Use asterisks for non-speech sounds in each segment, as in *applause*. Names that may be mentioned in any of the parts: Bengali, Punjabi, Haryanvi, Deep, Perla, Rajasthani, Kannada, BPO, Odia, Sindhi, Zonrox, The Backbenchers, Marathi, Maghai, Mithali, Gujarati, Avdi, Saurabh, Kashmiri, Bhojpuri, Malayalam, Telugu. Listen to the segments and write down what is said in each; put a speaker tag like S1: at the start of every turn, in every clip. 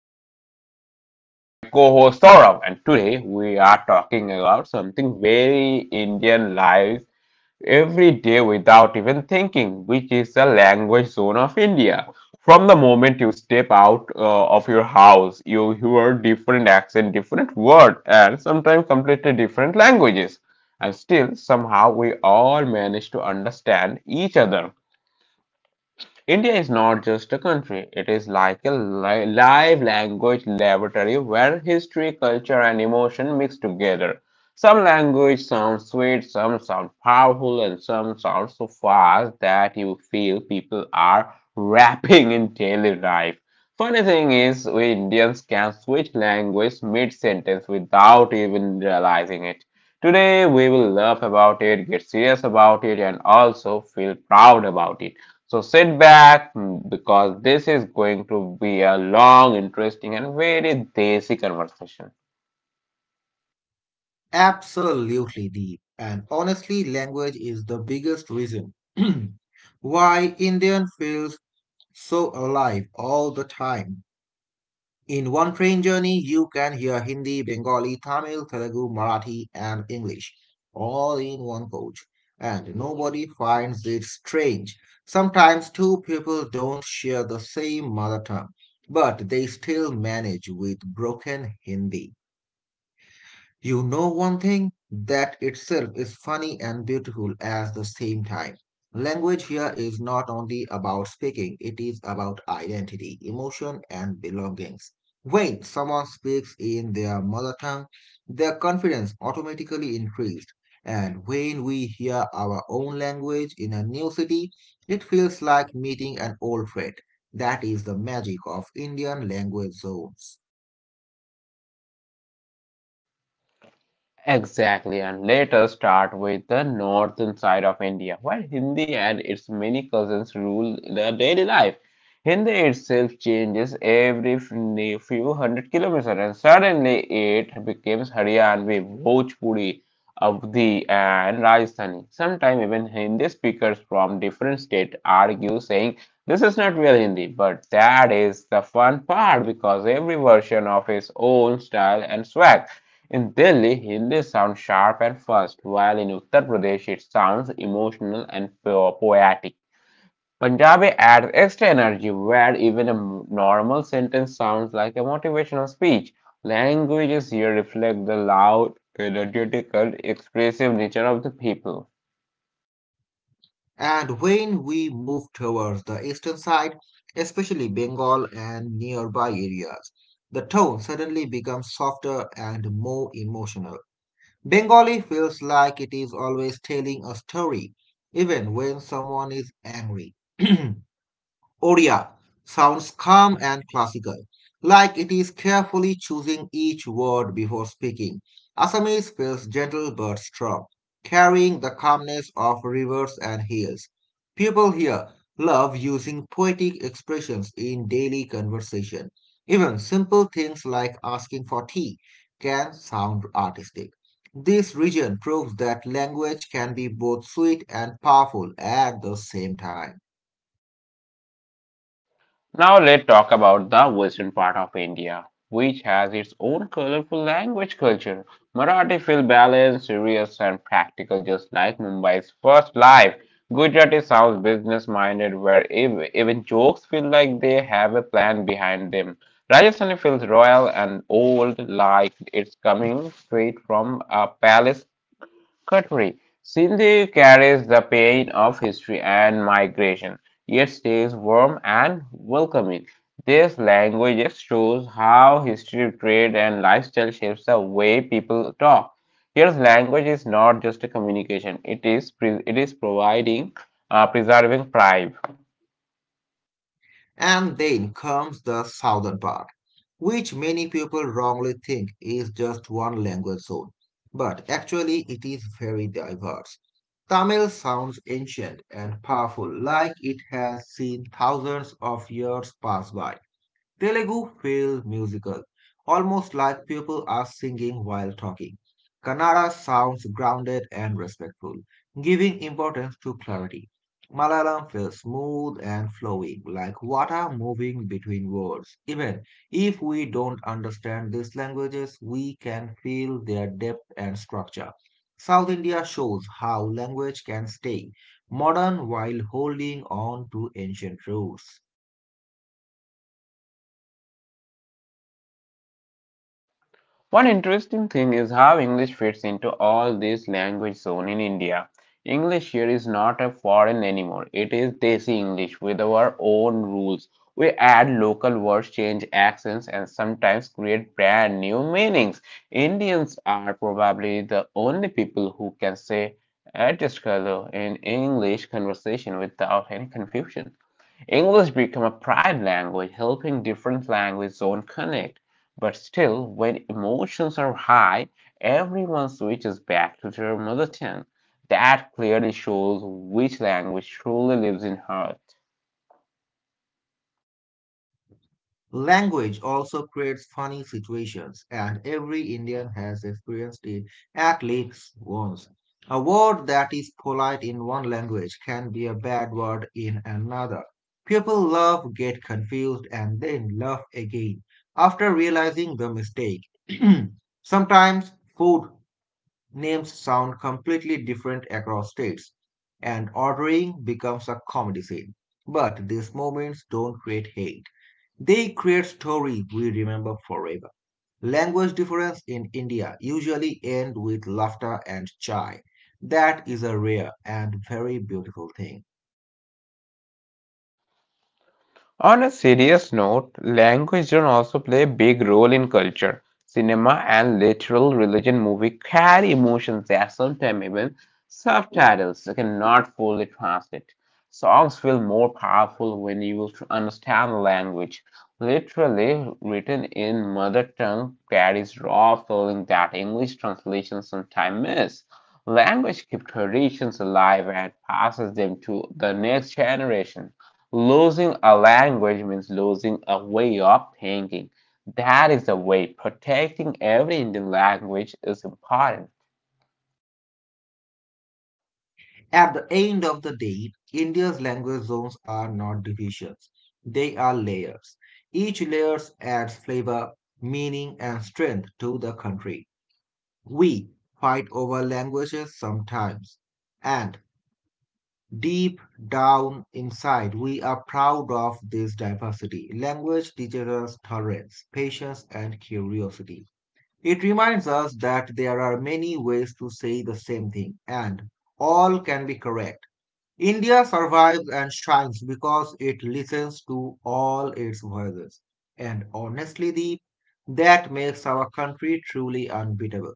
S1: This is your host Deep with my co-host Saurabh, and today we are talking about something very Indian lives every day without even thinking, which is the language zone of India. From the moment you step out of your house, you hear different accent, different word, and sometimes completely different languages. And still, somehow, we all manage to understand each other. India is not just a country, it is like a live language laboratory where history, culture, and emotion mix together. Some language sounds sweet, some sound powerful, and some sound so fast that you feel people are rapping in daily life. Funny thing is, we Indians can switch language mid sentence without even realizing it. Today, we will laugh about it, get serious about it, and also feel proud about it. So sit back because this is going to be a long, interesting, and very desi conversation.
S2: Absolutely, Deep. And honestly, language is the biggest reason *clears throat* why Indian feels so alive all the time. In one train journey, you can hear Hindi, Bengali, Tamil, Telugu, Marathi, and English all in one coach. And nobody finds it strange. Sometimes two people don't share the same mother tongue, but they still manage with broken Hindi. You know one thing? That itself is funny and beautiful at the same time. Language here is not only about speaking, it is about identity, emotion, and belongings. When someone speaks in their mother tongue, their confidence automatically increased. And when we hear our own language in a new city, it feels like meeting an old friend. That is the magic of Indian language zones.
S1: Exactly, and let us start with the northern side of India, where Hindi and its many cousins rule the daily life. Hindi itself changes every few hundred kilometers, and suddenly it becomes Haryanvi, Bhojpuri, Avdi, and Rajasthani. Sometimes even Hindi speakers from different states argue, saying this is not real Hindi, but that is the fun part because every version of its own style and swag. In Delhi, Hindi sounds sharp and fast, while in Uttar Pradesh it sounds emotional and poetic. Punjabi adds extra energy where even a normal sentence sounds like a motivational speech. Languages here reflect the loud, energetic, and expressive nature of the people.
S2: And when we move towards the eastern side, especially Bengal and nearby areas, the tone suddenly becomes softer and more emotional. Bengali feels like it is always telling a story, even when someone is angry. *clears throat* Odia sounds calm and classical, like it is carefully choosing each word before speaking. Assamese feels gentle but strong, carrying the calmness of rivers and hills. People here love using poetic expressions in daily conversation. Even simple things like asking for tea can sound artistic. This region proves that language can be both sweet and powerful at the same time.
S1: Now let's talk about the western part of India, which has its own colorful language culture. Marathi feels balanced, serious, and practical, just like Mumbai's first life. Gujarati sounds business-minded, where even jokes feel like they have a plan behind them. Rajasthani feels royal and old, like it's coming straight from a palace. Contrary, Sindhi carries the pain of history and migration, yet stays warm and welcoming. This language just shows how history, trade, and lifestyle shapes the way people talk. Here's language is not just a communication; it is it is providing, preserving pride.
S2: And then comes the southern part, which many people wrongly think is just one language zone, but actually it is very diverse. Tamil sounds ancient and powerful, like it has seen thousands of years pass by. Telugu feel musical, almost like people are singing while talking. Kannada sounds grounded and respectful, giving importance to clarity. Malayalam feels smooth and flowing, like water moving between words. Even if we don't understand these languages, we can feel their depth and structure. South India shows how language can stay modern while holding on to ancient roots.
S1: One interesting thing is how English fits into all this language zone in India. English here is not a foreign anymore. It is Desi English with our own rules. We add local words, change accents, and sometimes create brand new meanings. Indians are probably the only people who can say "add this color" in English conversation without any confusion. English became a pride language, helping different language zones connect. But still, when emotions are high, everyone switches back to their mother tongue. That clearly shows which language truly lives in heart.
S2: Language also creates funny situations, and every Indian has experienced it at least once. A word that is polite in one language can be a bad word in another. People laugh, get confused, and then laugh again after realizing the mistake. *clears throat* Sometimes food names sound completely different across states, and ordering becomes a comedy scene. But these moments don't create hate. They create stories we remember forever. Language difference in India usually end with laughter and chai. That is a rare and very beautiful thing.
S1: On a serious note, language can also play a big role in culture. Cinema and literal religion movies carry emotions that sometimes even subtitles cannot fully translate. Songs feel more powerful when you understand the language. Literally written in mother tongue carries raw feeling that English translations sometimes miss. Language keeps traditions alive and passes them to the next generation. Losing a language means losing a way of thinking. That is the way protecting every Indian language is important.
S2: At the end of the day, India's language zones are not divisions. They are layers. Each layer adds flavor, meaning, and strength to the country. We fight over languages sometimes, and deep down inside, we are proud of this diversity. Language teaches us tolerance, patience, and curiosity. It reminds us that there are many ways to say the same thing, and all can be correct. India survives and shines because it listens to all its voices. And honestly, Deep, that makes our country truly unbeatable.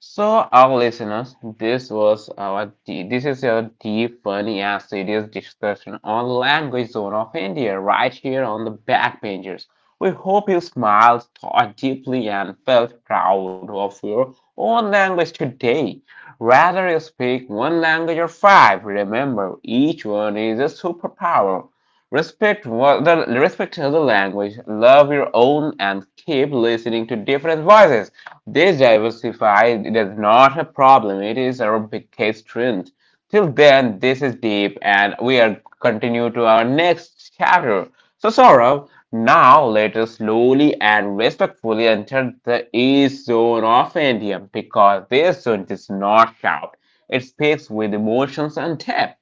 S1: So, our listeners, this was our this is a deep, funny, and serious discussion on language zone of India, right here on the Backbenchers. We hope you smiled, thought deeply, and felt proud of your own language today. Rather you speak one language or five, remember each one is a superpower. Respect what the respect other language, love your own, and keep listening to different voices. This diversify is not a problem, it is our biggest strength. Till then, this is deep and we are continue to our next chapter. So Saurav, now let us slowly and respectfully enter the east zone of India because this zone does not count. It speaks with emotions and depth.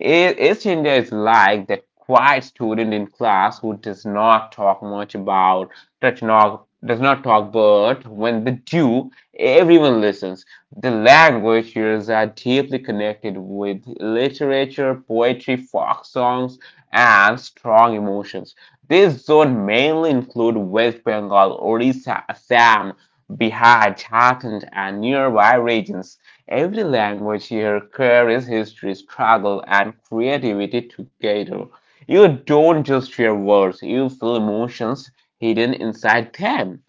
S1: East India is like that quiet student in class who does not talk much about, does not talk, but when they do, everyone listens. The language years are deeply connected with literature, poetry, folk songs, and strong emotions. This zone mainly include West Bengal, Orissa, Assam, Bihar, Jharkhand, and nearby regions. Every language here carries history, struggle, and creativity together. You don't just hear words, you feel emotions hidden inside them.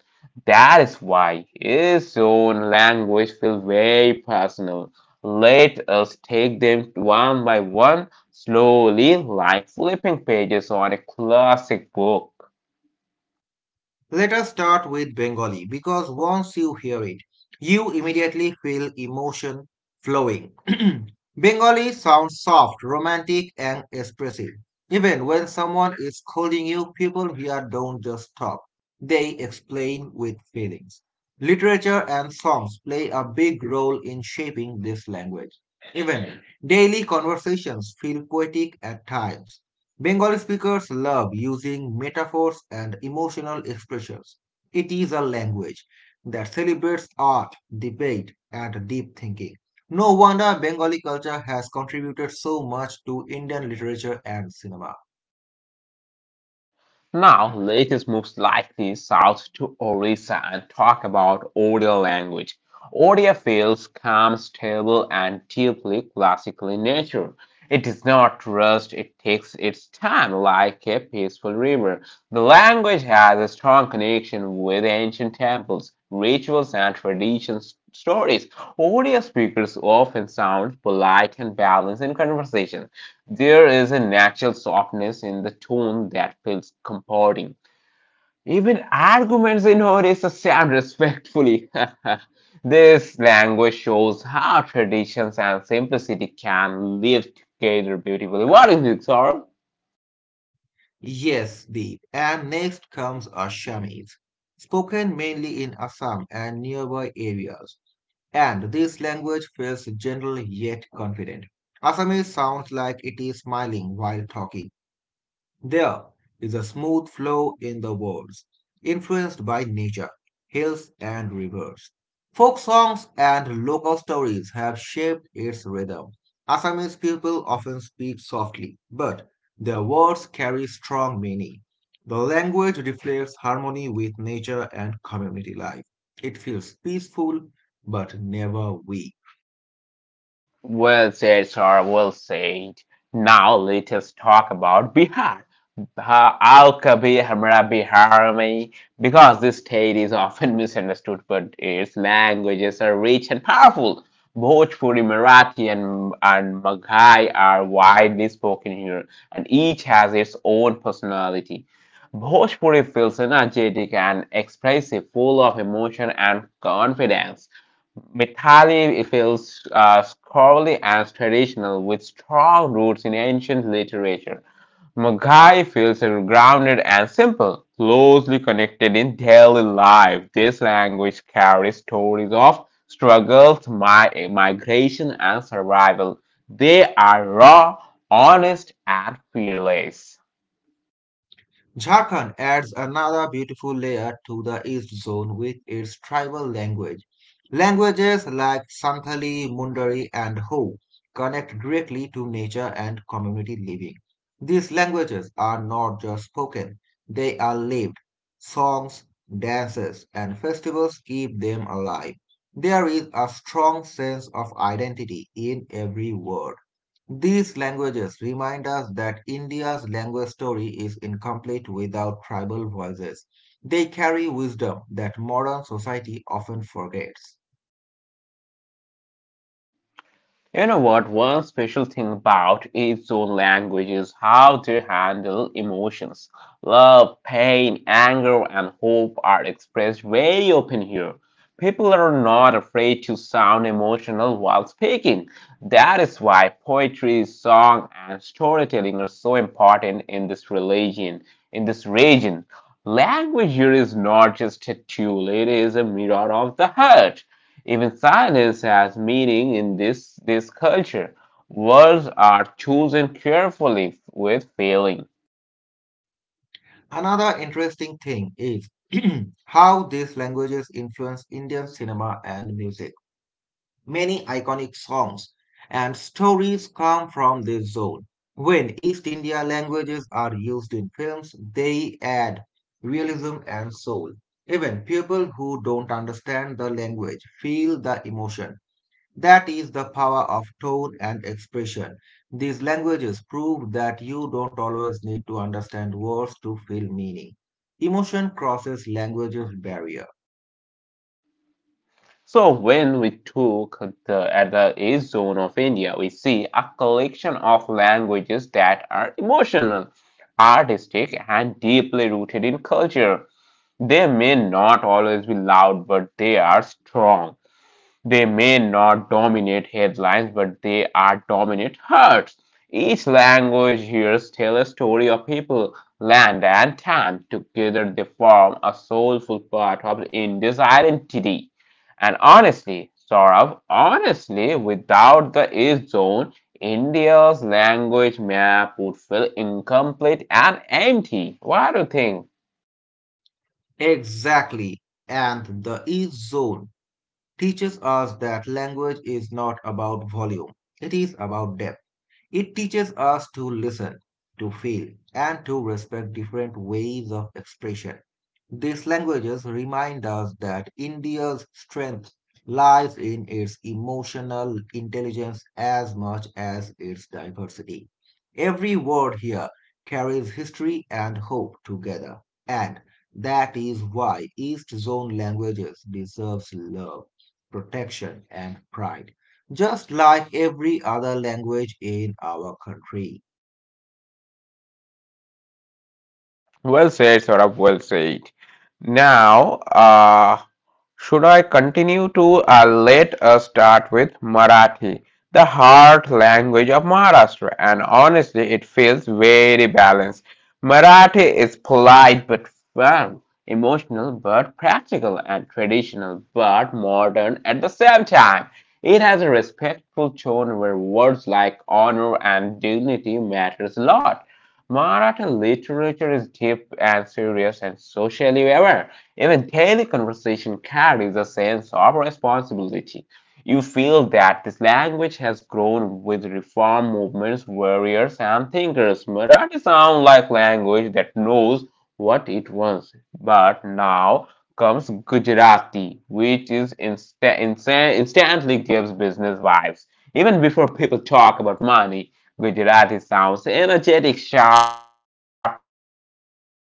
S1: That is why his own language feels very personal. Let us take them one by one, slowly, like flipping pages on a classic book.
S2: Let us start with Bengali because once you hear it, you immediately feel emotion flowing. *clears throat* Bengali sounds soft, romantic, and expressive. Even when someone is scolding you, people here don't just talk, they explain with feelings. Literature and songs play a big role in shaping this language. Even daily conversations feel poetic at times. Bengali speakers love using metaphors and emotional expressions. It is a language that celebrates art, debate, and deep thinking. No wonder Bengali culture has contributed so much to Indian literature and cinema.
S1: Now, let us move slightly south to Orissa and talk about Odia language. Odia feels calm, stable, and deeply classical in nature. It does not rush, it takes its time like a peaceful river. The language has a strong connection with ancient temples, rituals, and traditions stories. Odia speakers often sound polite and balanced in conversation. There is a natural softness in the tone that feels comforting. Even arguments in Odisha sound respectfully. *laughs* This language shows how traditions and simplicity can live together beautifully. What do you think, Saurabh?
S2: Yes, Deep. And next comes Assamese, spoken mainly in Assam and nearby areas. And this language feels gentle yet confident. Assamese sounds like it is smiling while talking. There is a smooth flow in the words, influenced by nature, hills, and rivers. Folk songs and local stories have shaped its rhythm. Assamese people often speak softly, but their words carry strong meaning. The language reflects harmony with nature and community life. It feels peaceful, but never weak.
S1: Well said, sir. Well said. Now let us talk about Bihar. Bihar- Aao kabhi hamara Bihar mein, because this state is often misunderstood, but its languages are rich and powerful. Bhojpuri, Marathi, and Maghai are widely spoken here, and each has its own personality. Bhojpuri feels energetic and expressive, full of emotion and confidence. Mithali it feels scholarly and traditional, with strong roots in ancient literature. Maghai feels grounded and simple, closely connected in daily life. This language carries stories of struggles, migration, and survival. They are raw, honest, and fearless.
S2: Jharkhand adds another beautiful layer to the East Zone with its tribal language. Languages like Santali, Mundari, and Ho connect directly to nature and community living. These languages are not just spoken, they are lived. Songs, dances, and festivals keep them alive. There is a strong sense of identity in every word. These languages remind us that India's language story is incomplete without tribal voices. They carry wisdom that modern society often forgets.
S1: You know what? One special thing about Izo language is how they handle emotions. Love, pain, anger, and hope are expressed very open here. People are not afraid to sound emotional while speaking. That is why poetry, song, and storytelling are so important in this religion, in this region. Language here is not just a tool, it is a mirror of the heart. Even silence has meaning in this culture. Words are chosen carefully with feeling.
S2: Another interesting thing is *clears throat* how these languages influence Indian cinema and music. Many iconic songs and stories come from this zone. When East India languages are used in films, they add realism and soul. Even people who don't understand the language feel the emotion. That is the power of tone and expression. These languages prove that you don't always need to understand words to feel meaning. Emotion crosses languages barrier.
S1: So when we talk the at the east zone of India, we see a collection of languages that are emotional, artistic, and deeply rooted in culture. They may not always be loud, but they are strong. They may not dominate headlines, but they are dominant hearts. Each language here tells a story of people, land, and time. Together, they form a soulful part of India's identity. And honestly, sort of honestly, without the age zone, India's language map would feel incomplete and empty. What do you think?
S2: Exactly. And the East Zone teaches us that language is not about volume, it is about depth. It teaches us to listen, to feel, and to respect different ways of expression. These languages remind us that India's strength lies in its emotional intelligence as much as its diversity. Every word here carries history and hope together, and that is why East Zone languages deserves love, protection, and pride just like every other language in our country.
S1: Well said, Saurabh, well said. Now, should I continue to let us start with Marathi, the heart language of Maharashtra? And honestly, it feels very balanced. Marathi is polite but firm, emotional but practical, and traditional but modern at the same time. It has a respectful tone where words like honor and dignity matters a lot. Marathi literature is deep and serious and socially aware. Even daily conversation carries a sense of responsibility. You feel that this language has grown with reform movements, warriors, and thinkers. Marathi sounds like language that knows what it wants. But now comes Gujarati, which is instantly gives business vibes. Even before people talk about money, Gujarati sounds energetic, sharp, and optimistic.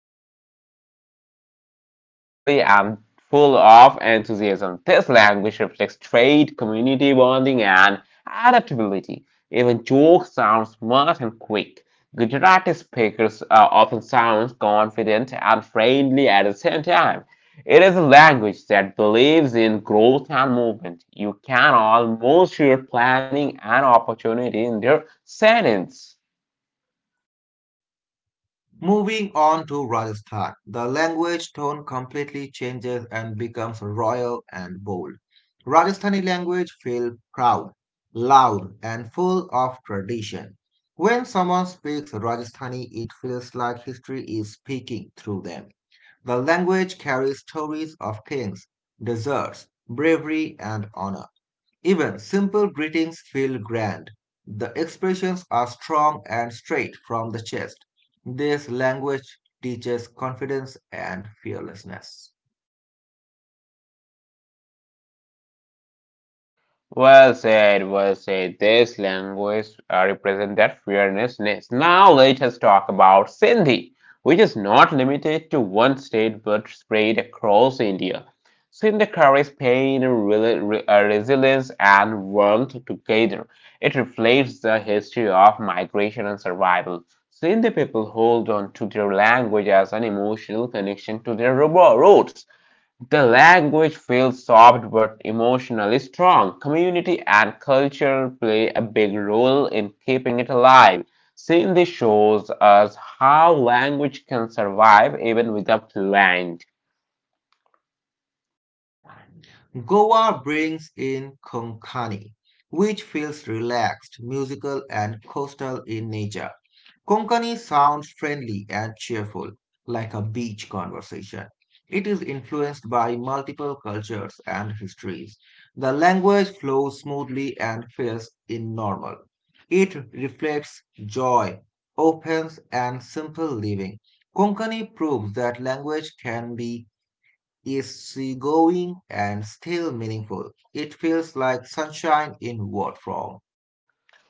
S1: Conversations feel like fast, lively, and full of enthusiasm. This language reflects trade, community bonding, and adaptability. Even jokes sound smart and quick. Gujarati speakers often sound confident and friendly at the same time. It is a language that believes in growth and movement. You can almost hear planning and opportunity in their sentence.
S2: Moving on to Rajasthan, the language tone completely changes and becomes royal and bold. Rajasthani language feels proud, loud, and full of tradition. When someone speaks Rajasthani, it feels like history is speaking through them. The language carries stories of kings, deserts, bravery, and honor. Even simple greetings feel grand. The expressions are strong and straight from the chest. This language teaches confidence and fearlessness.
S1: Well said, well said. This language represent that fearlessness. Now let us talk about Sindhi, which is not limited to one state but spread across India. Sindhi carries pain, resilience, and warmth together. It reflects the history of migration and survival. Sindhi people hold on to their language as an emotional connection to their roots. The language feels soft but emotionally strong. Community and culture play a big role in keeping it alive. Cindy shows us how language can survive even without language.
S2: Goa brings in Konkani, which feels relaxed, musical, and coastal in nature. Konkani sounds friendly and cheerful, like a beach conversation. It is influenced by multiple cultures and histories. The language flows smoothly and feels normal. It reflects joy, openness, and simple living. Konkani proves that language can be is seagoing and still meaningful. It feels like sunshine in word form.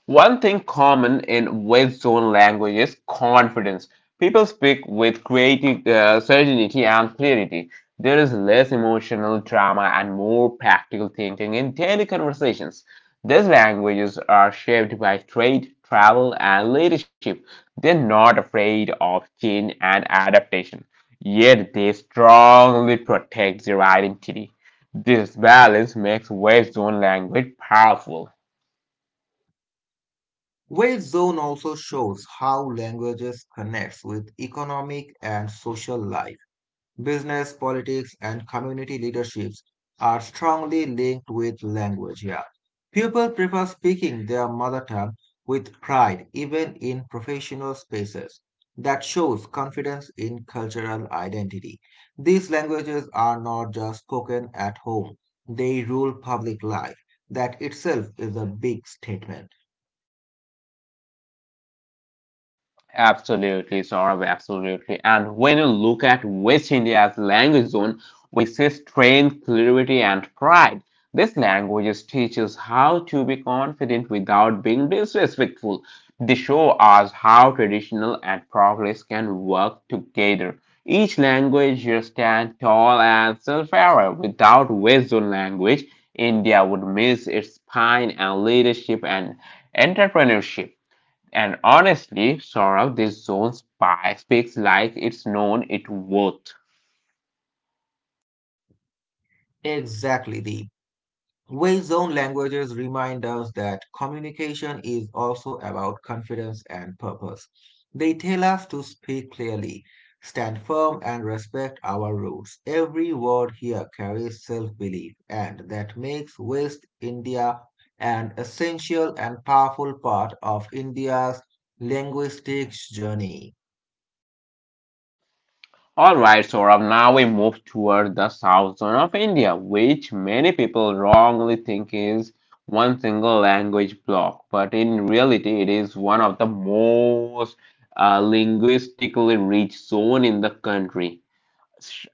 S1: One thing common in West Zone language is confidence. People speak with creative certainty and clarity. There is less emotional drama and more practical thinking in daily conversations. These languages are shaped by trade, travel, and leadership. They're not afraid of change and adaptation, yet they strongly protect their identity. This balance makes West Zone language powerful.
S2: Wave Zone also shows how languages connects with economic and social life. Business, politics, and community leaderships are strongly linked with language here. People prefer speaking their mother tongue with pride, even in professional spaces. That shows confidence in cultural identity. These languages are not just spoken at home, they rule public life. That itself is a big statement.
S1: Absolutely, Saurabh, absolutely. And when you look at West India's language zone, we see strength, clarity, and pride. This language teaches how to be confident without being disrespectful. They show us how traditional and progress can work together. Each language here stand tall and self-aware. Without West Zone language, India would miss its spine and leadership and entrepreneurship. And honestly, Saurabh, this zone spy speaks like it's known it worth.
S2: Exactly, the Way-zone languages remind us that communication is also about confidence and purpose. They tell us to speak clearly, stand firm, and respect our roots. Every word here carries self-belief, and that makes West India an essential and powerful part of India's linguistic journey.
S1: Alright, Saurabh, now we move toward the south zone of India, which many people wrongly think is one single language block, but in reality, it is one of the most linguistically rich zone in the country.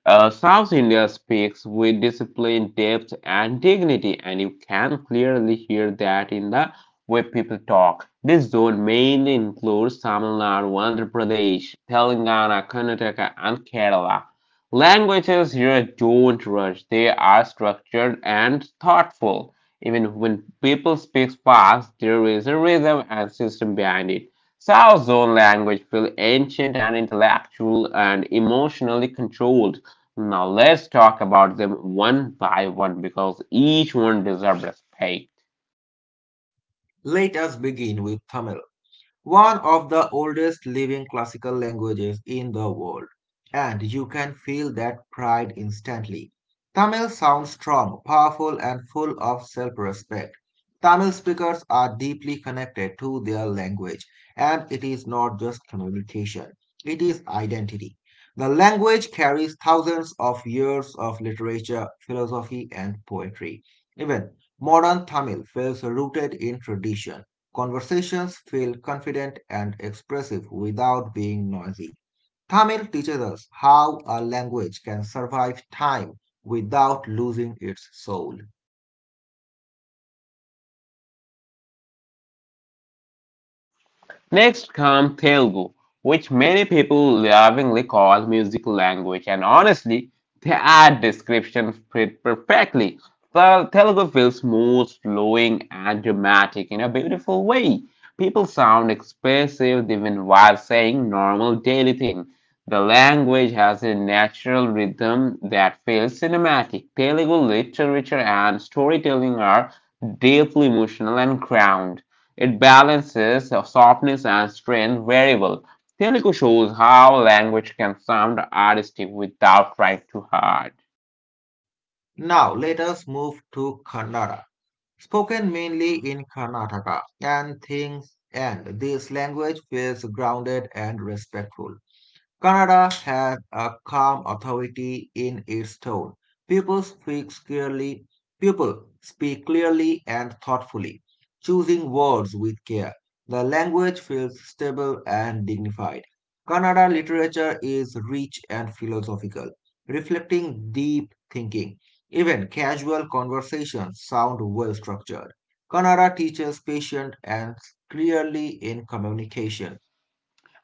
S1: South India speaks with discipline, depth, and dignity, and you can clearly hear that in the way people talk. This zone mainly includes Tamil Nadu, Andhra Pradesh, Telangana, Karnataka, and Kerala. Languages here don't rush, they are structured and thoughtful. Even when people speak fast, there is a rhythm and system behind it. South Zone language feel ancient and intellectual and emotionally controlled. Now let's talk about them one by one because each one deserves respect.
S2: Let us begin with Tamil, one of the oldest living classical languages in the world, and you can feel that pride instantly. Tamil sounds strong, powerful, and full of self respect. Tamil speakers are deeply connected to their language, and it is not just communication, it is identity. The language carries thousands of years of literature, philosophy, and poetry. Even modern Tamil feels rooted in tradition. Conversations feel confident and expressive without being noisy. Tamil teaches us how a language can survive time without losing its soul.
S1: Next comes Telugu, which many people lovingly call musical language, and honestly, that description fit perfectly. The Telugu feels smooth, flowing, and dramatic in a beautiful way. People sound expressive even while saying normal daily things. The language has a natural rhythm that feels cinematic. Telugu literature and storytelling are deeply emotional and grounded. It balances softness and strength Variable Telugu shows how language can sound artistic without trying too hard.
S2: Now let us move to Kannada, spoken mainly in Karnataka and things, and this language feels grounded and respectful. Kannada has a calm authority in its tone. People speak clearly, people speak clearly and thoughtfully, choosing words with care. The language feels stable and dignified. Kannada literature is rich and philosophical, reflecting deep thinking. Even casual conversations sound well structured. Kannada teaches patience and clearly in communication.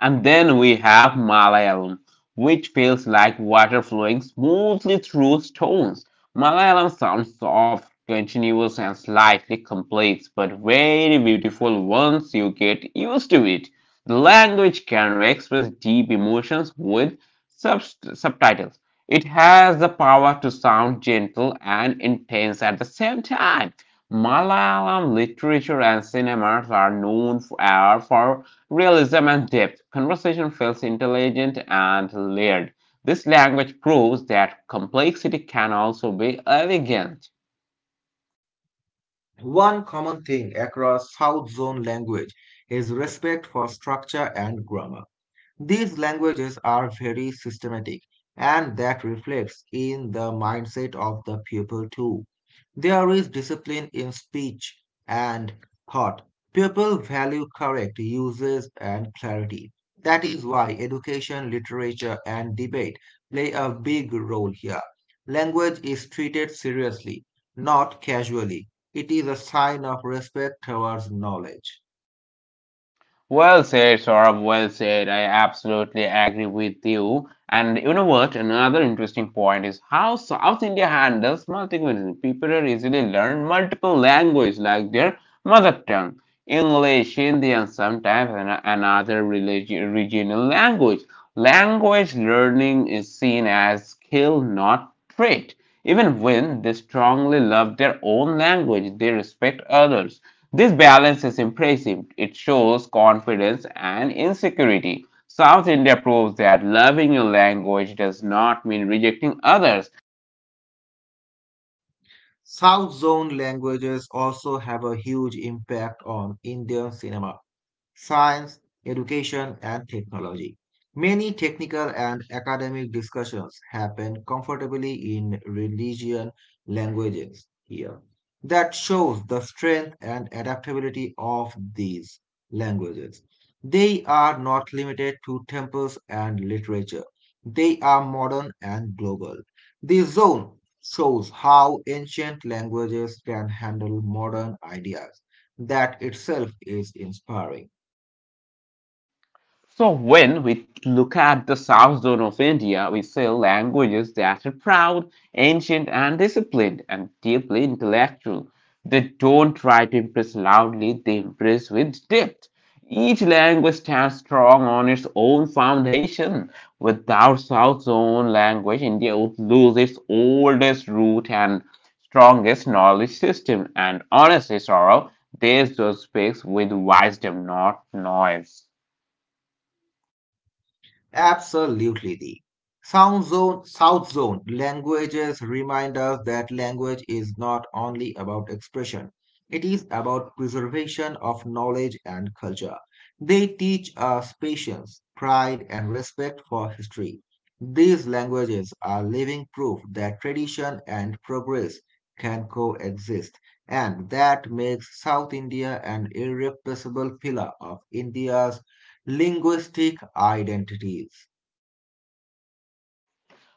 S1: And then we have Malayalam, which feels like water flowing smoothly through stones. Malayalam sounds soft, continuous, and slightly complex, but very beautiful once you get used to it. The language can express deep emotions with sub- subtitles. It has the power to sound gentle and intense at the same time. Malayalam literature and cinemas are known for realism and depth. Conversation feels intelligent and layered. This language proves that complexity can also be elegant.
S2: One common thing across South Zone language is respect for structure and grammar. These languages are very systematic, and that reflects in the mindset of the pupil too. There is discipline in speech and thought. People value correct uses and clarity. That is why education, literature, and debate play a big role here. Language is treated seriously, not casually. It is a sign of respect towards knowledge.
S1: Well said, Saurabh. Well said. I absolutely agree with you. And you know what? Another interesting point is how South India handles multilingualism. People are easily learn multiple languages like their mother tongue, English, Hindi, and sometimes another regional language. Language learning is seen as skill, not trait. Even when they strongly love their own language, they respect others. This balance is impressive. It shows confidence and insecurity. South India proves that loving your language does not mean rejecting others.
S2: South Zone languages also have a huge impact on Indian cinema science, education, and technology. Many technical and academic discussions happen comfortably in religion languages here. That shows the strength and adaptability of these languages. They are not limited to temples and literature. They are modern and global. This zone shows how ancient languages can handle modern ideas. That itself is inspiring.
S1: So when we look at the south zone of India, we see languages that are proud, ancient and disciplined and deeply intellectual. They don't try to impress loudly, they impress with depth. Each language stands strong on its own foundation. Without South Zone language, India would lose its oldest root and strongest knowledge system. And honestly, Sorrow, this zone speaks with wisdom, not noise.
S2: Absolutely. The Sound Zone, South Zone languages remind us that language is not only about expression, it is about preservation of knowledge and culture. They teach us patience, pride, and respect for history. These languages are living proof that tradition and progress can coexist, and that makes South India an irreplaceable pillar of India's linguistic identities.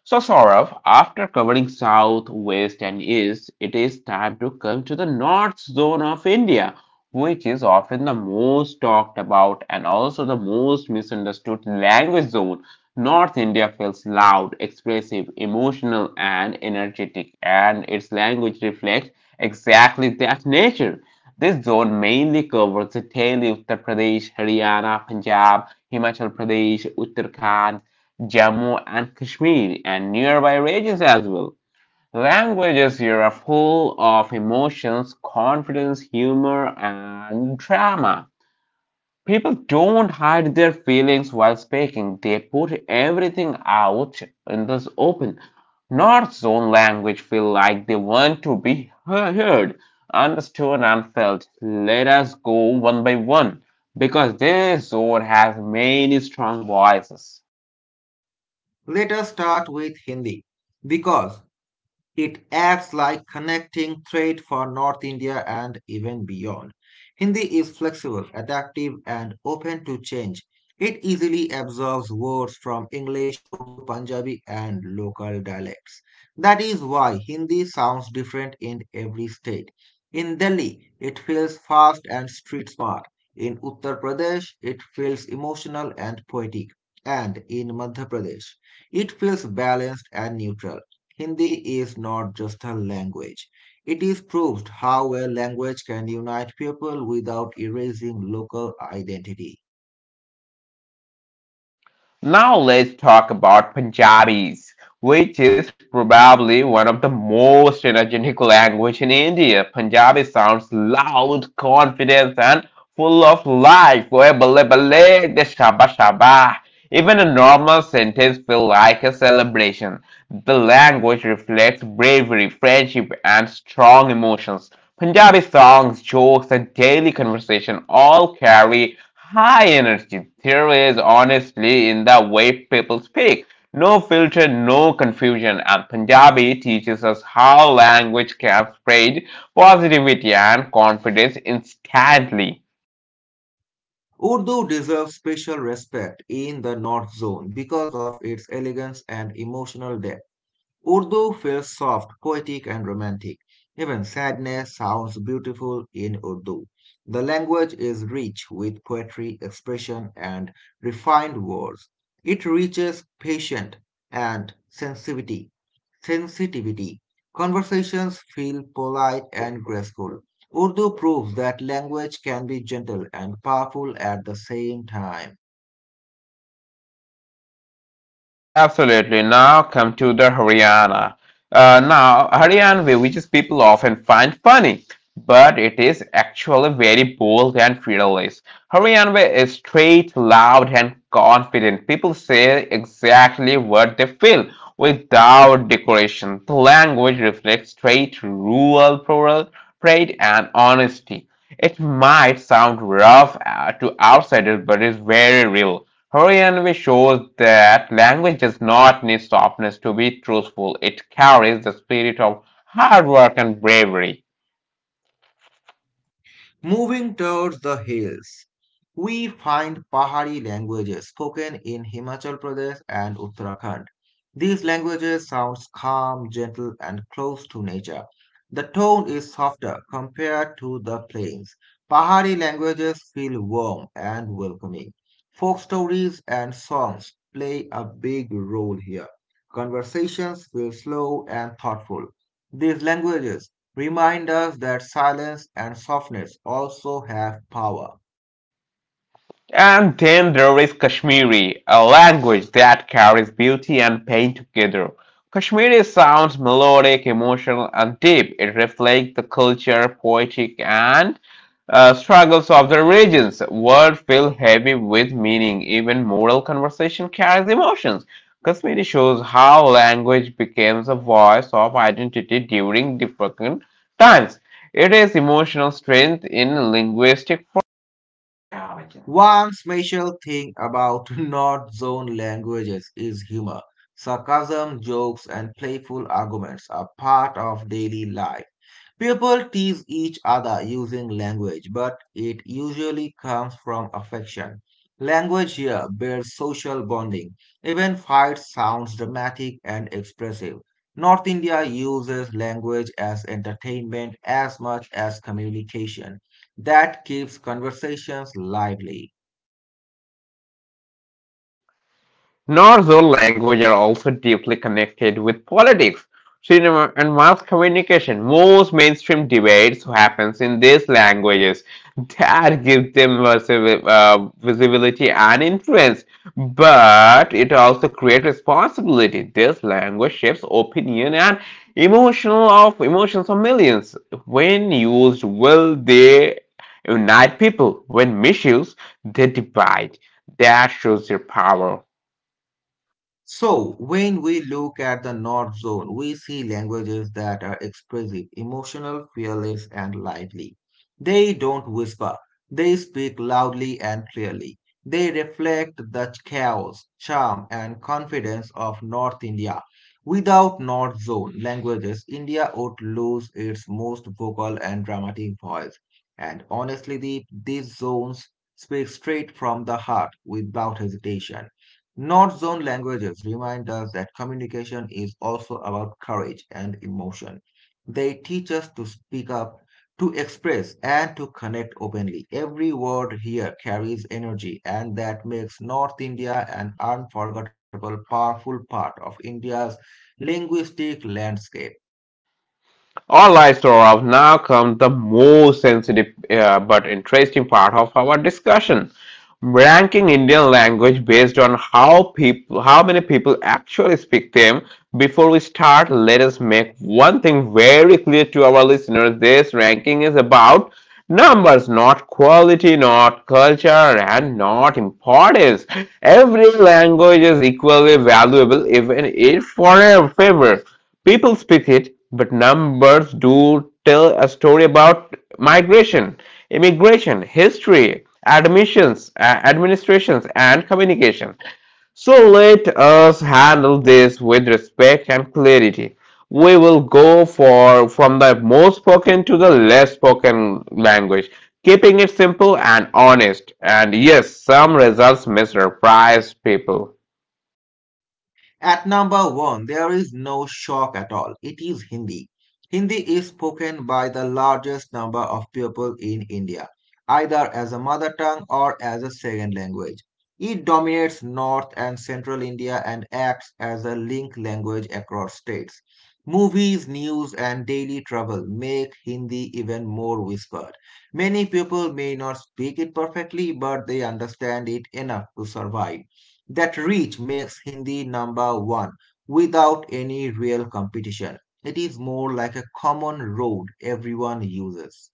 S1: So, Saurav, after covering south, west, and east, it is time to come to the north zone of India, which is often the most talked about and also the most misunderstood language zone. North India feels loud, expressive, emotional, and energetic, and its language reflects exactly that nature. This zone mainly covers the Delhi, Uttar Pradesh, Haryana, Punjab, Himachal Pradesh, Uttarakhand, Jammu and Kashmir and nearby regions as well. Languages here are full of emotions, confidence, humor, and drama. People don't hide their feelings while speaking, they put everything out in this open. North Zone language feel like they want to be heard, understood, and felt. Let us go one by one because this zone has many strong voices.
S2: Let us start with Hindi because it acts like connecting thread for North India and even beyond. Hindi is flexible, adaptive, and open to change. It easily absorbs words from English, Urdu, Punjabi, and local dialects. That is why Hindi sounds different in every state. In Delhi, it feels fast and street smart. In Uttar Pradesh, it feels emotional and poetic. And in Madhya Pradesh, it feels balanced and neutral. Hindi is not just a language. It is proved how a language can unite people without erasing local identity.
S1: Now let's talk about Punjabis, which is probably one of the most energetic language in India. Punjabi sounds loud, confident, and full of life. Oye, balle balle, de shaba shaba. Even a normal sentence feels like a celebration. The language reflects bravery, friendship, and strong emotions. Punjabi songs, jokes, and daily conversation all carry high energy. There is honesty in the way people speak. No filter, no confusion, and Punjabi teaches us how language can spread positivity and confidence instantly.
S2: Urdu deserves special respect in the North Zone because of its elegance and emotional depth. Urdu feels soft, poetic, and romantic. Even sadness sounds beautiful in Urdu. The language is rich with poetry, expression, and refined words. It reaches patient and sensitivity. Sensitivity. Conversations feel polite and graceful. Urdu proves that language can be gentle and powerful at the same time.
S1: Absolutely. Now come to the Haryana. Now, Haryanvi, which is people often find funny, but it is actually very bold and fearless. Haryanvi is straight, loud, and confident. People say exactly what they feel without decoration. The language reflects straight, rural, plural, pride, and honesty. It might sound rough to outsiders, but it's very real. Hurrianvi shows that language does not need softness to be truthful. It carries the spirit of hard work and bravery.
S2: Moving towards the hills, we find Pahari languages spoken in Himachal Pradesh and Uttarakhand. These languages sound calm, gentle, and close to nature. The tone is softer compared to the plains. Pahari languages feel warm and welcoming. Folk stories and songs play a big role here. Conversations feel slow and thoughtful. These languages remind us that silence and softness also have power.
S1: And then there is Kashmiri, a language that carries beauty and pain together. Kashmiri sounds melodic, emotional, and deep. It reflects the culture, poetic, and struggles of the regions. Words feel heavy with meaning. Even moral conversation carries emotions. Kashmiri shows how language becomes a voice of identity during different times. It is emotional strength in linguistic
S2: One special thing about *laughs* North Zone languages is humor. Sarcasm, jokes, and playful arguments are part of daily life. People tease each other using language, but it usually comes from affection. Language here builds social bonding. Even fight sounds dramatic and expressive. North India uses language as entertainment as much as communication. That keeps conversations lively.
S1: Norse languages are also deeply connected with politics, cinema, and mass communication. Most mainstream debates happens in these languages. That gives them visibility and influence, but it also creates responsibility. This language shapes opinion and emotional of emotions of millions. When used well, they unite people. When misused, they divide. That shows their power.
S2: So, when we look at the North Zone, we see languages that are expressive, emotional, fearless, and lively. They don't whisper, they speak loudly and clearly. They reflect the chaos, charm, and confidence of North India. Without North Zone languages, India would lose its most vocal and dramatic voice. And honestly, these zones speak straight from the heart without hesitation. North zone languages remind us that communication is also about courage and emotion. They teach us to speak up, to express, and to connect openly. Every word here carries energy, and that makes North India an unforgettable, powerful part of India's linguistic landscape.
S1: All right, Saurav, now comes the most sensitive but interesting part of our discussion. Ranking Indian language based on how many people actually speak them. Before we start, let us make one thing very clear to our listeners. This ranking is about numbers, not quality, not culture, and not importance. Every language is equally valuable, even if for a favor. People speak it, but numbers do tell a story about migration, immigration, history, admissions, administrations, and communication. So let us handle this with respect and clarity. We will go for from the most spoken to the less spoken language, keeping it simple and honest. And yes, some results missurprise people.
S2: At number one, there is no shock at all. It is Hindi. Hindi is spoken by the largest number of people in India, either as a mother tongue or as a second language. It dominates North and Central India and acts as a link language across states. Movies, news, and daily travel make Hindi even more whispered. Many people may not speak it perfectly, but they understand it enough to survive. That reach makes Hindi number one without any real competition. It is more like a common road everyone uses.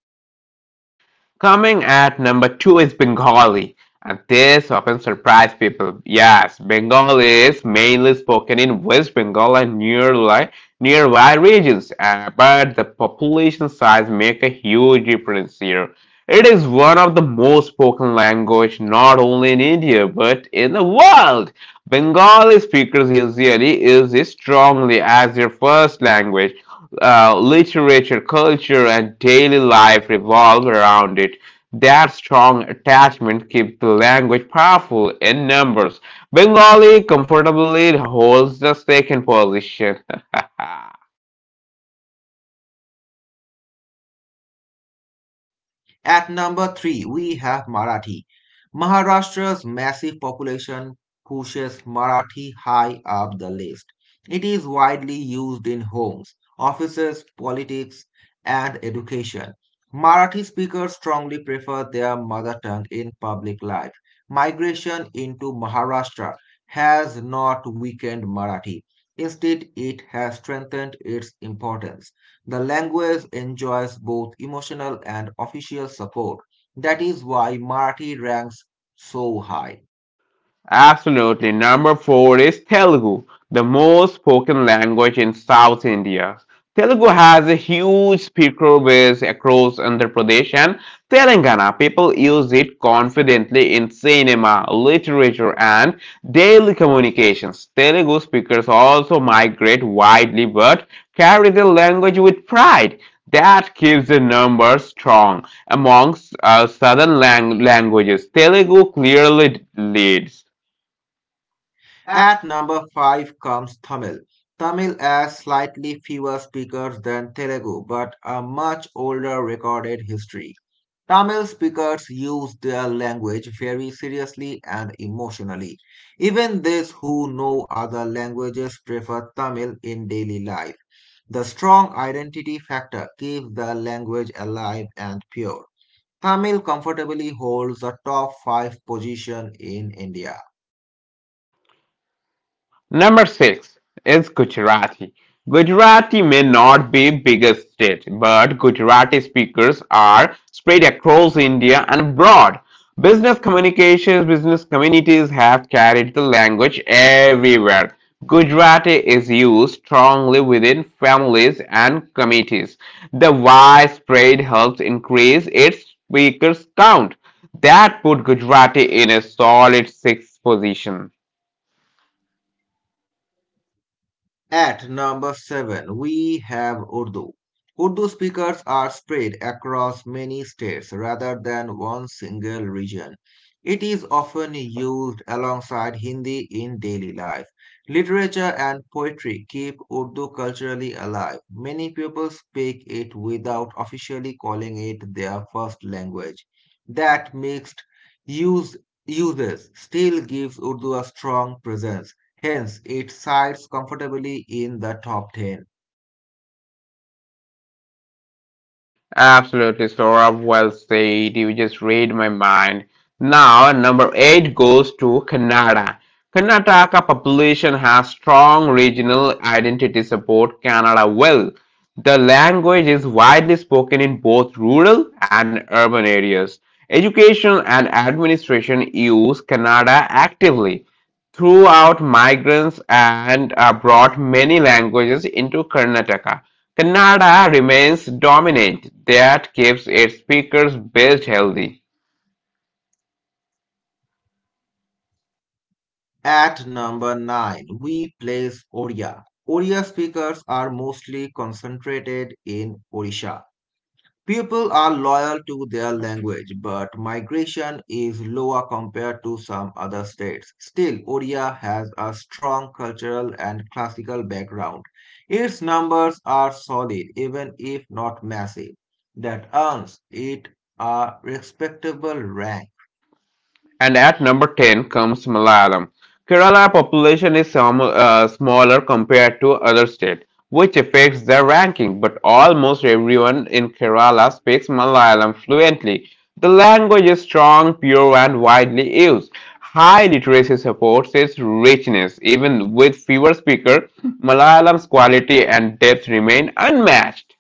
S1: Coming at number two is Bengali, and this often surprises people. Yes, Bengali is mainly spoken in West Bengal and nearby regions, but the population size make a huge difference here. It is one of the most spoken language not only in India but in the world. Bengali speakers usually use it strongly as their first language, literature, culture, and daily life revolve around it. That strong attachment keeps the language powerful in numbers. Bengali comfortably holds the second position. *laughs*
S2: At number three, we have Marathi. Maharashtra's massive population pushes Marathi high up the list. It is widely used in homes, offices, politics, and education. Marathi speakers strongly prefer their mother tongue in public life. Migration into Maharashtra has not weakened Marathi. Instead, it has strengthened its importance. The language enjoys both emotional and official support. That is why Marathi ranks so high.
S1: Absolutely. Number four is Telugu, the most spoken language in South India. Telugu has a huge speaker base across Andhra Pradesh and Telangana. People use it confidently in cinema, literature, and daily communications. Telugu speakers also migrate widely but carry the language with pride. That keeps the number strong amongst southern languages. Telugu clearly leads.
S2: At number 5 comes Tamil. Tamil has slightly fewer speakers than Telugu, but a much older recorded history. Tamil speakers use their language very seriously and emotionally. Even those who know other languages prefer Tamil in daily life. The strong identity factor keeps the language alive and pure. Tamil comfortably holds the top 5 position in India.
S1: Number six is Gujarati. Gujarati may not be biggest state, but Gujarati speakers are spread across India and abroad. Business communities have carried the language everywhere. Gujarati is used strongly within families and committees. The widespread helps increase its speakers count. That put Gujarati in a solid sixth position.
S2: At number seven, we have Urdu. Urdu speakers are spread across many states rather than one single region. It is often used alongside Hindi in daily life. Literature and poetry keep Urdu culturally alive. Many people speak it without officially calling it their first language. That mixed use uses still gives Urdu a strong presence. Hence, it sides comfortably in the top 10.
S1: Absolutely, Sora. Well said. You just read my mind. Now, number eight goes to Kannada. Karnataka population has strong regional identity support Canada well. The language is widely spoken in both rural and urban areas. Education and administration use Kannada actively. Throughout, migrants and brought many languages into Karnataka. Kannada remains dominant, that keeps its speakers base healthy,
S2: At number 9, we place Odia. Odia speakers are mostly concentrated in Odisha. People are loyal to their language, but migration is lower compared to some other states. Still, Odia has a strong cultural and classical background. Its numbers are solid, even if not massive. That earns it a respectable rank.
S1: and at number 10 comes Malayalam. Kerala population is some, smaller compared to other states, which affects their ranking, but almost everyone in Kerala speaks Malayalam fluently. The language is strong, pure, and widely used. High literacy supports its richness. Even with fewer speakers, Malayalam's quality and depth remain unmatched.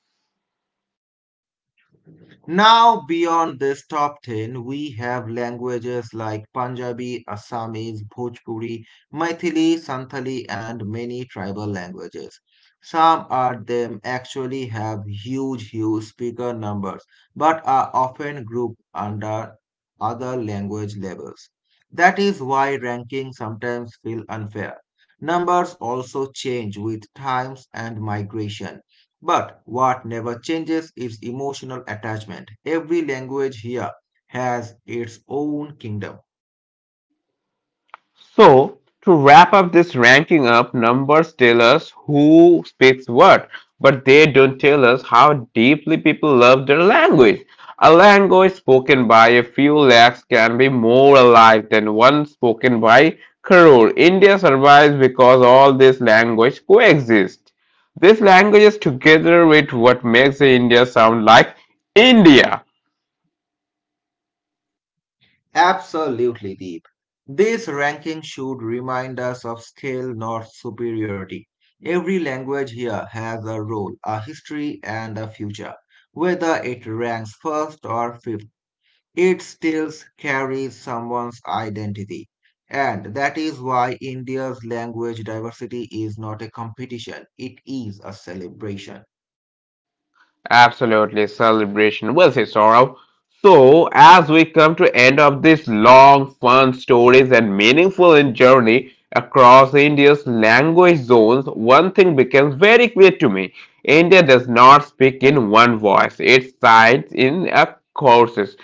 S2: Now, beyond this top 10, we have languages like Punjabi, Assamese, Bhojpuri, Maithili, Santali, and many tribal languages. Some of them actually have huge, huge speaker numbers, but are often grouped under other language labels. That is why rankings sometimes feel unfair. Numbers also change with times and migration. But what never changes is emotional attachment. Every language here has its own kingdom.
S1: So, to wrap up this ranking up, numbers tell us who speaks what, but they don't tell us how deeply people love their language. A language spoken by a few lakhs can be more alive than one spoken by crore. India survives because all these languages coexist. These languages together with what makes India sound like India.
S2: Absolutely deep. This ranking should remind us of scale, not superiority. Every language here has a role, a history, and a future, whether it ranks first or fifth. It still carries someone's identity. And that is why India's language diversity is not a competition, it is a celebration.
S1: Absolutely, celebration will say sorrow. So, as we come to end of this long, fun stories and meaningful in journey across India's language zones, one thing becomes very clear to me: India does not speak in one voice; it sides in a courses.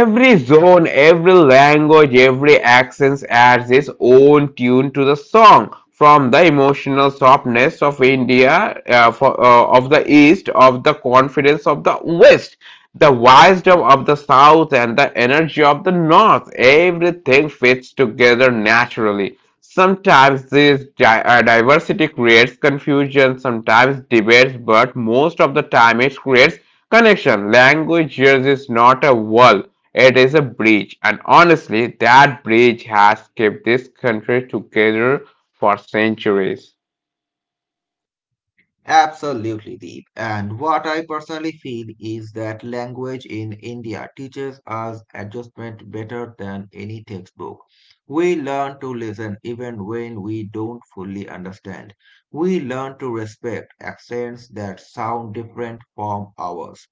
S1: Every zone, every language, every accent adds its own tune to the song. From the emotional softness of India, of the East, of the confidence of the West, the wisdom of the South, and the energy of the North, everything fits together naturally. Sometimes this diversity creates confusion, sometimes debates, but most of the time it creates connection. Language here is not a wall, it is a bridge, and honestly, that bridge has kept this country together for centuries.
S2: Absolutely, Deep. And what I personally feel is that language in India teaches us adjustment better than any textbook. We learn to listen even when we don't fully understand. We learn to respect accents that sound different from ours.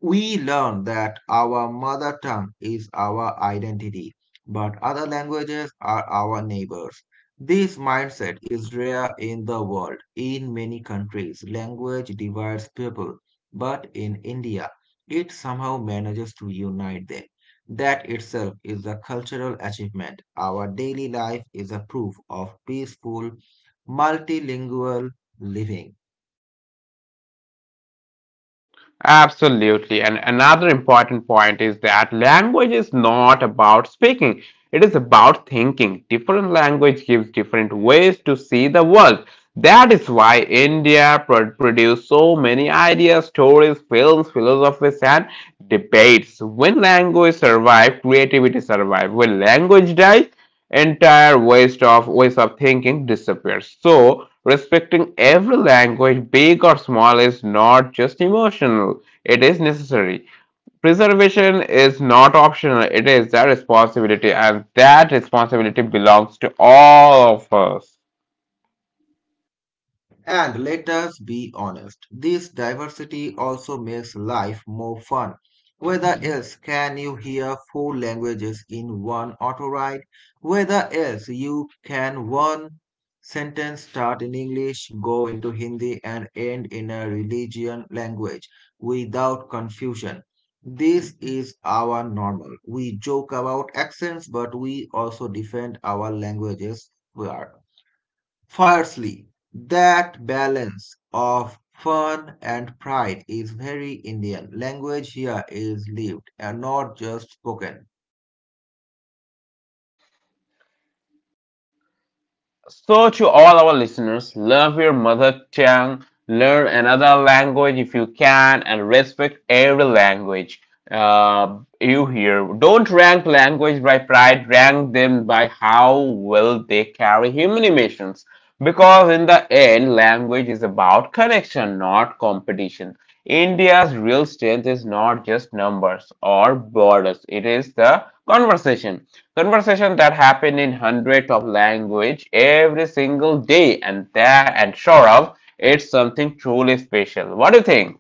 S2: We learn that our mother tongue is our identity, but other languages are our neighbors. This mindset is rare in the world. In many countries, language divides people, but in India, it somehow manages to unite them. That itself is a cultural achievement. Our daily life is a proof of peaceful, multilingual living.
S1: Absolutely. And another important point is that language is not about speaking, it is about thinking. Different language gives different ways to see the world. That is why India produced so many ideas, stories, films, philosophies, and debates. When language survives, creativity survives. When language dies, entire waste of ways of thinking disappears. So respecting every language, big or small, is not just emotional, it is necessary. Preservation is not optional, it is a responsibility, and that responsibility belongs to all of us.
S2: And let us be honest, this diversity also makes life more fun. Whether else can you hear four languages in one auto ride? Whether else you can one sentence start in English, go into Hindi, and end in a religion language without confusion? This is our normal. We joke about accents, but we also defend our languages. We are. Firstly, that balance of fun and pride is very Indian. Language here is lived and not just spoken.
S1: So, to all our listeners, love your mother tongue, learn another language if you can, and respect every language you hear. Don't rank language by pride, rank them by how well they carry human emotions. Because in the end, language is about connection, not competition. India's real strength is not just numbers or borders, it is the conversation. Conversation that happen in hundreds of language every single day, and that, and sure of, it's something truly special. What do you think?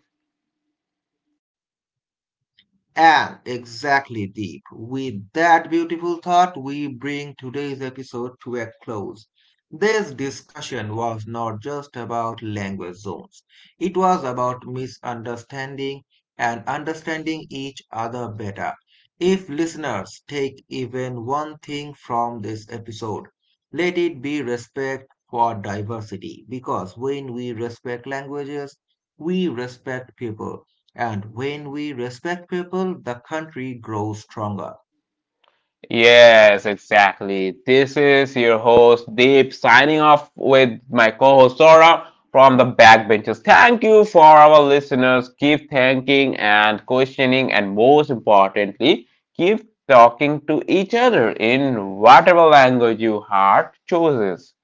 S2: And exactly, Deep. With that beautiful thought, we bring today's episode to a close. This discussion was not just about language zones, it was about misunderstanding and understanding each other better. If listeners take even one thing from this episode, let it be respect for diversity, because when we respect languages, we respect people. And when we respect people, the country grows stronger.
S1: Yes, exactly. This is your host Deep signing off with my co-host Sora from the Backbenchers. Thank you for our listeners. Keep thinking and questioning, and most importantly, keep talking to each other in whatever language your heart chooses.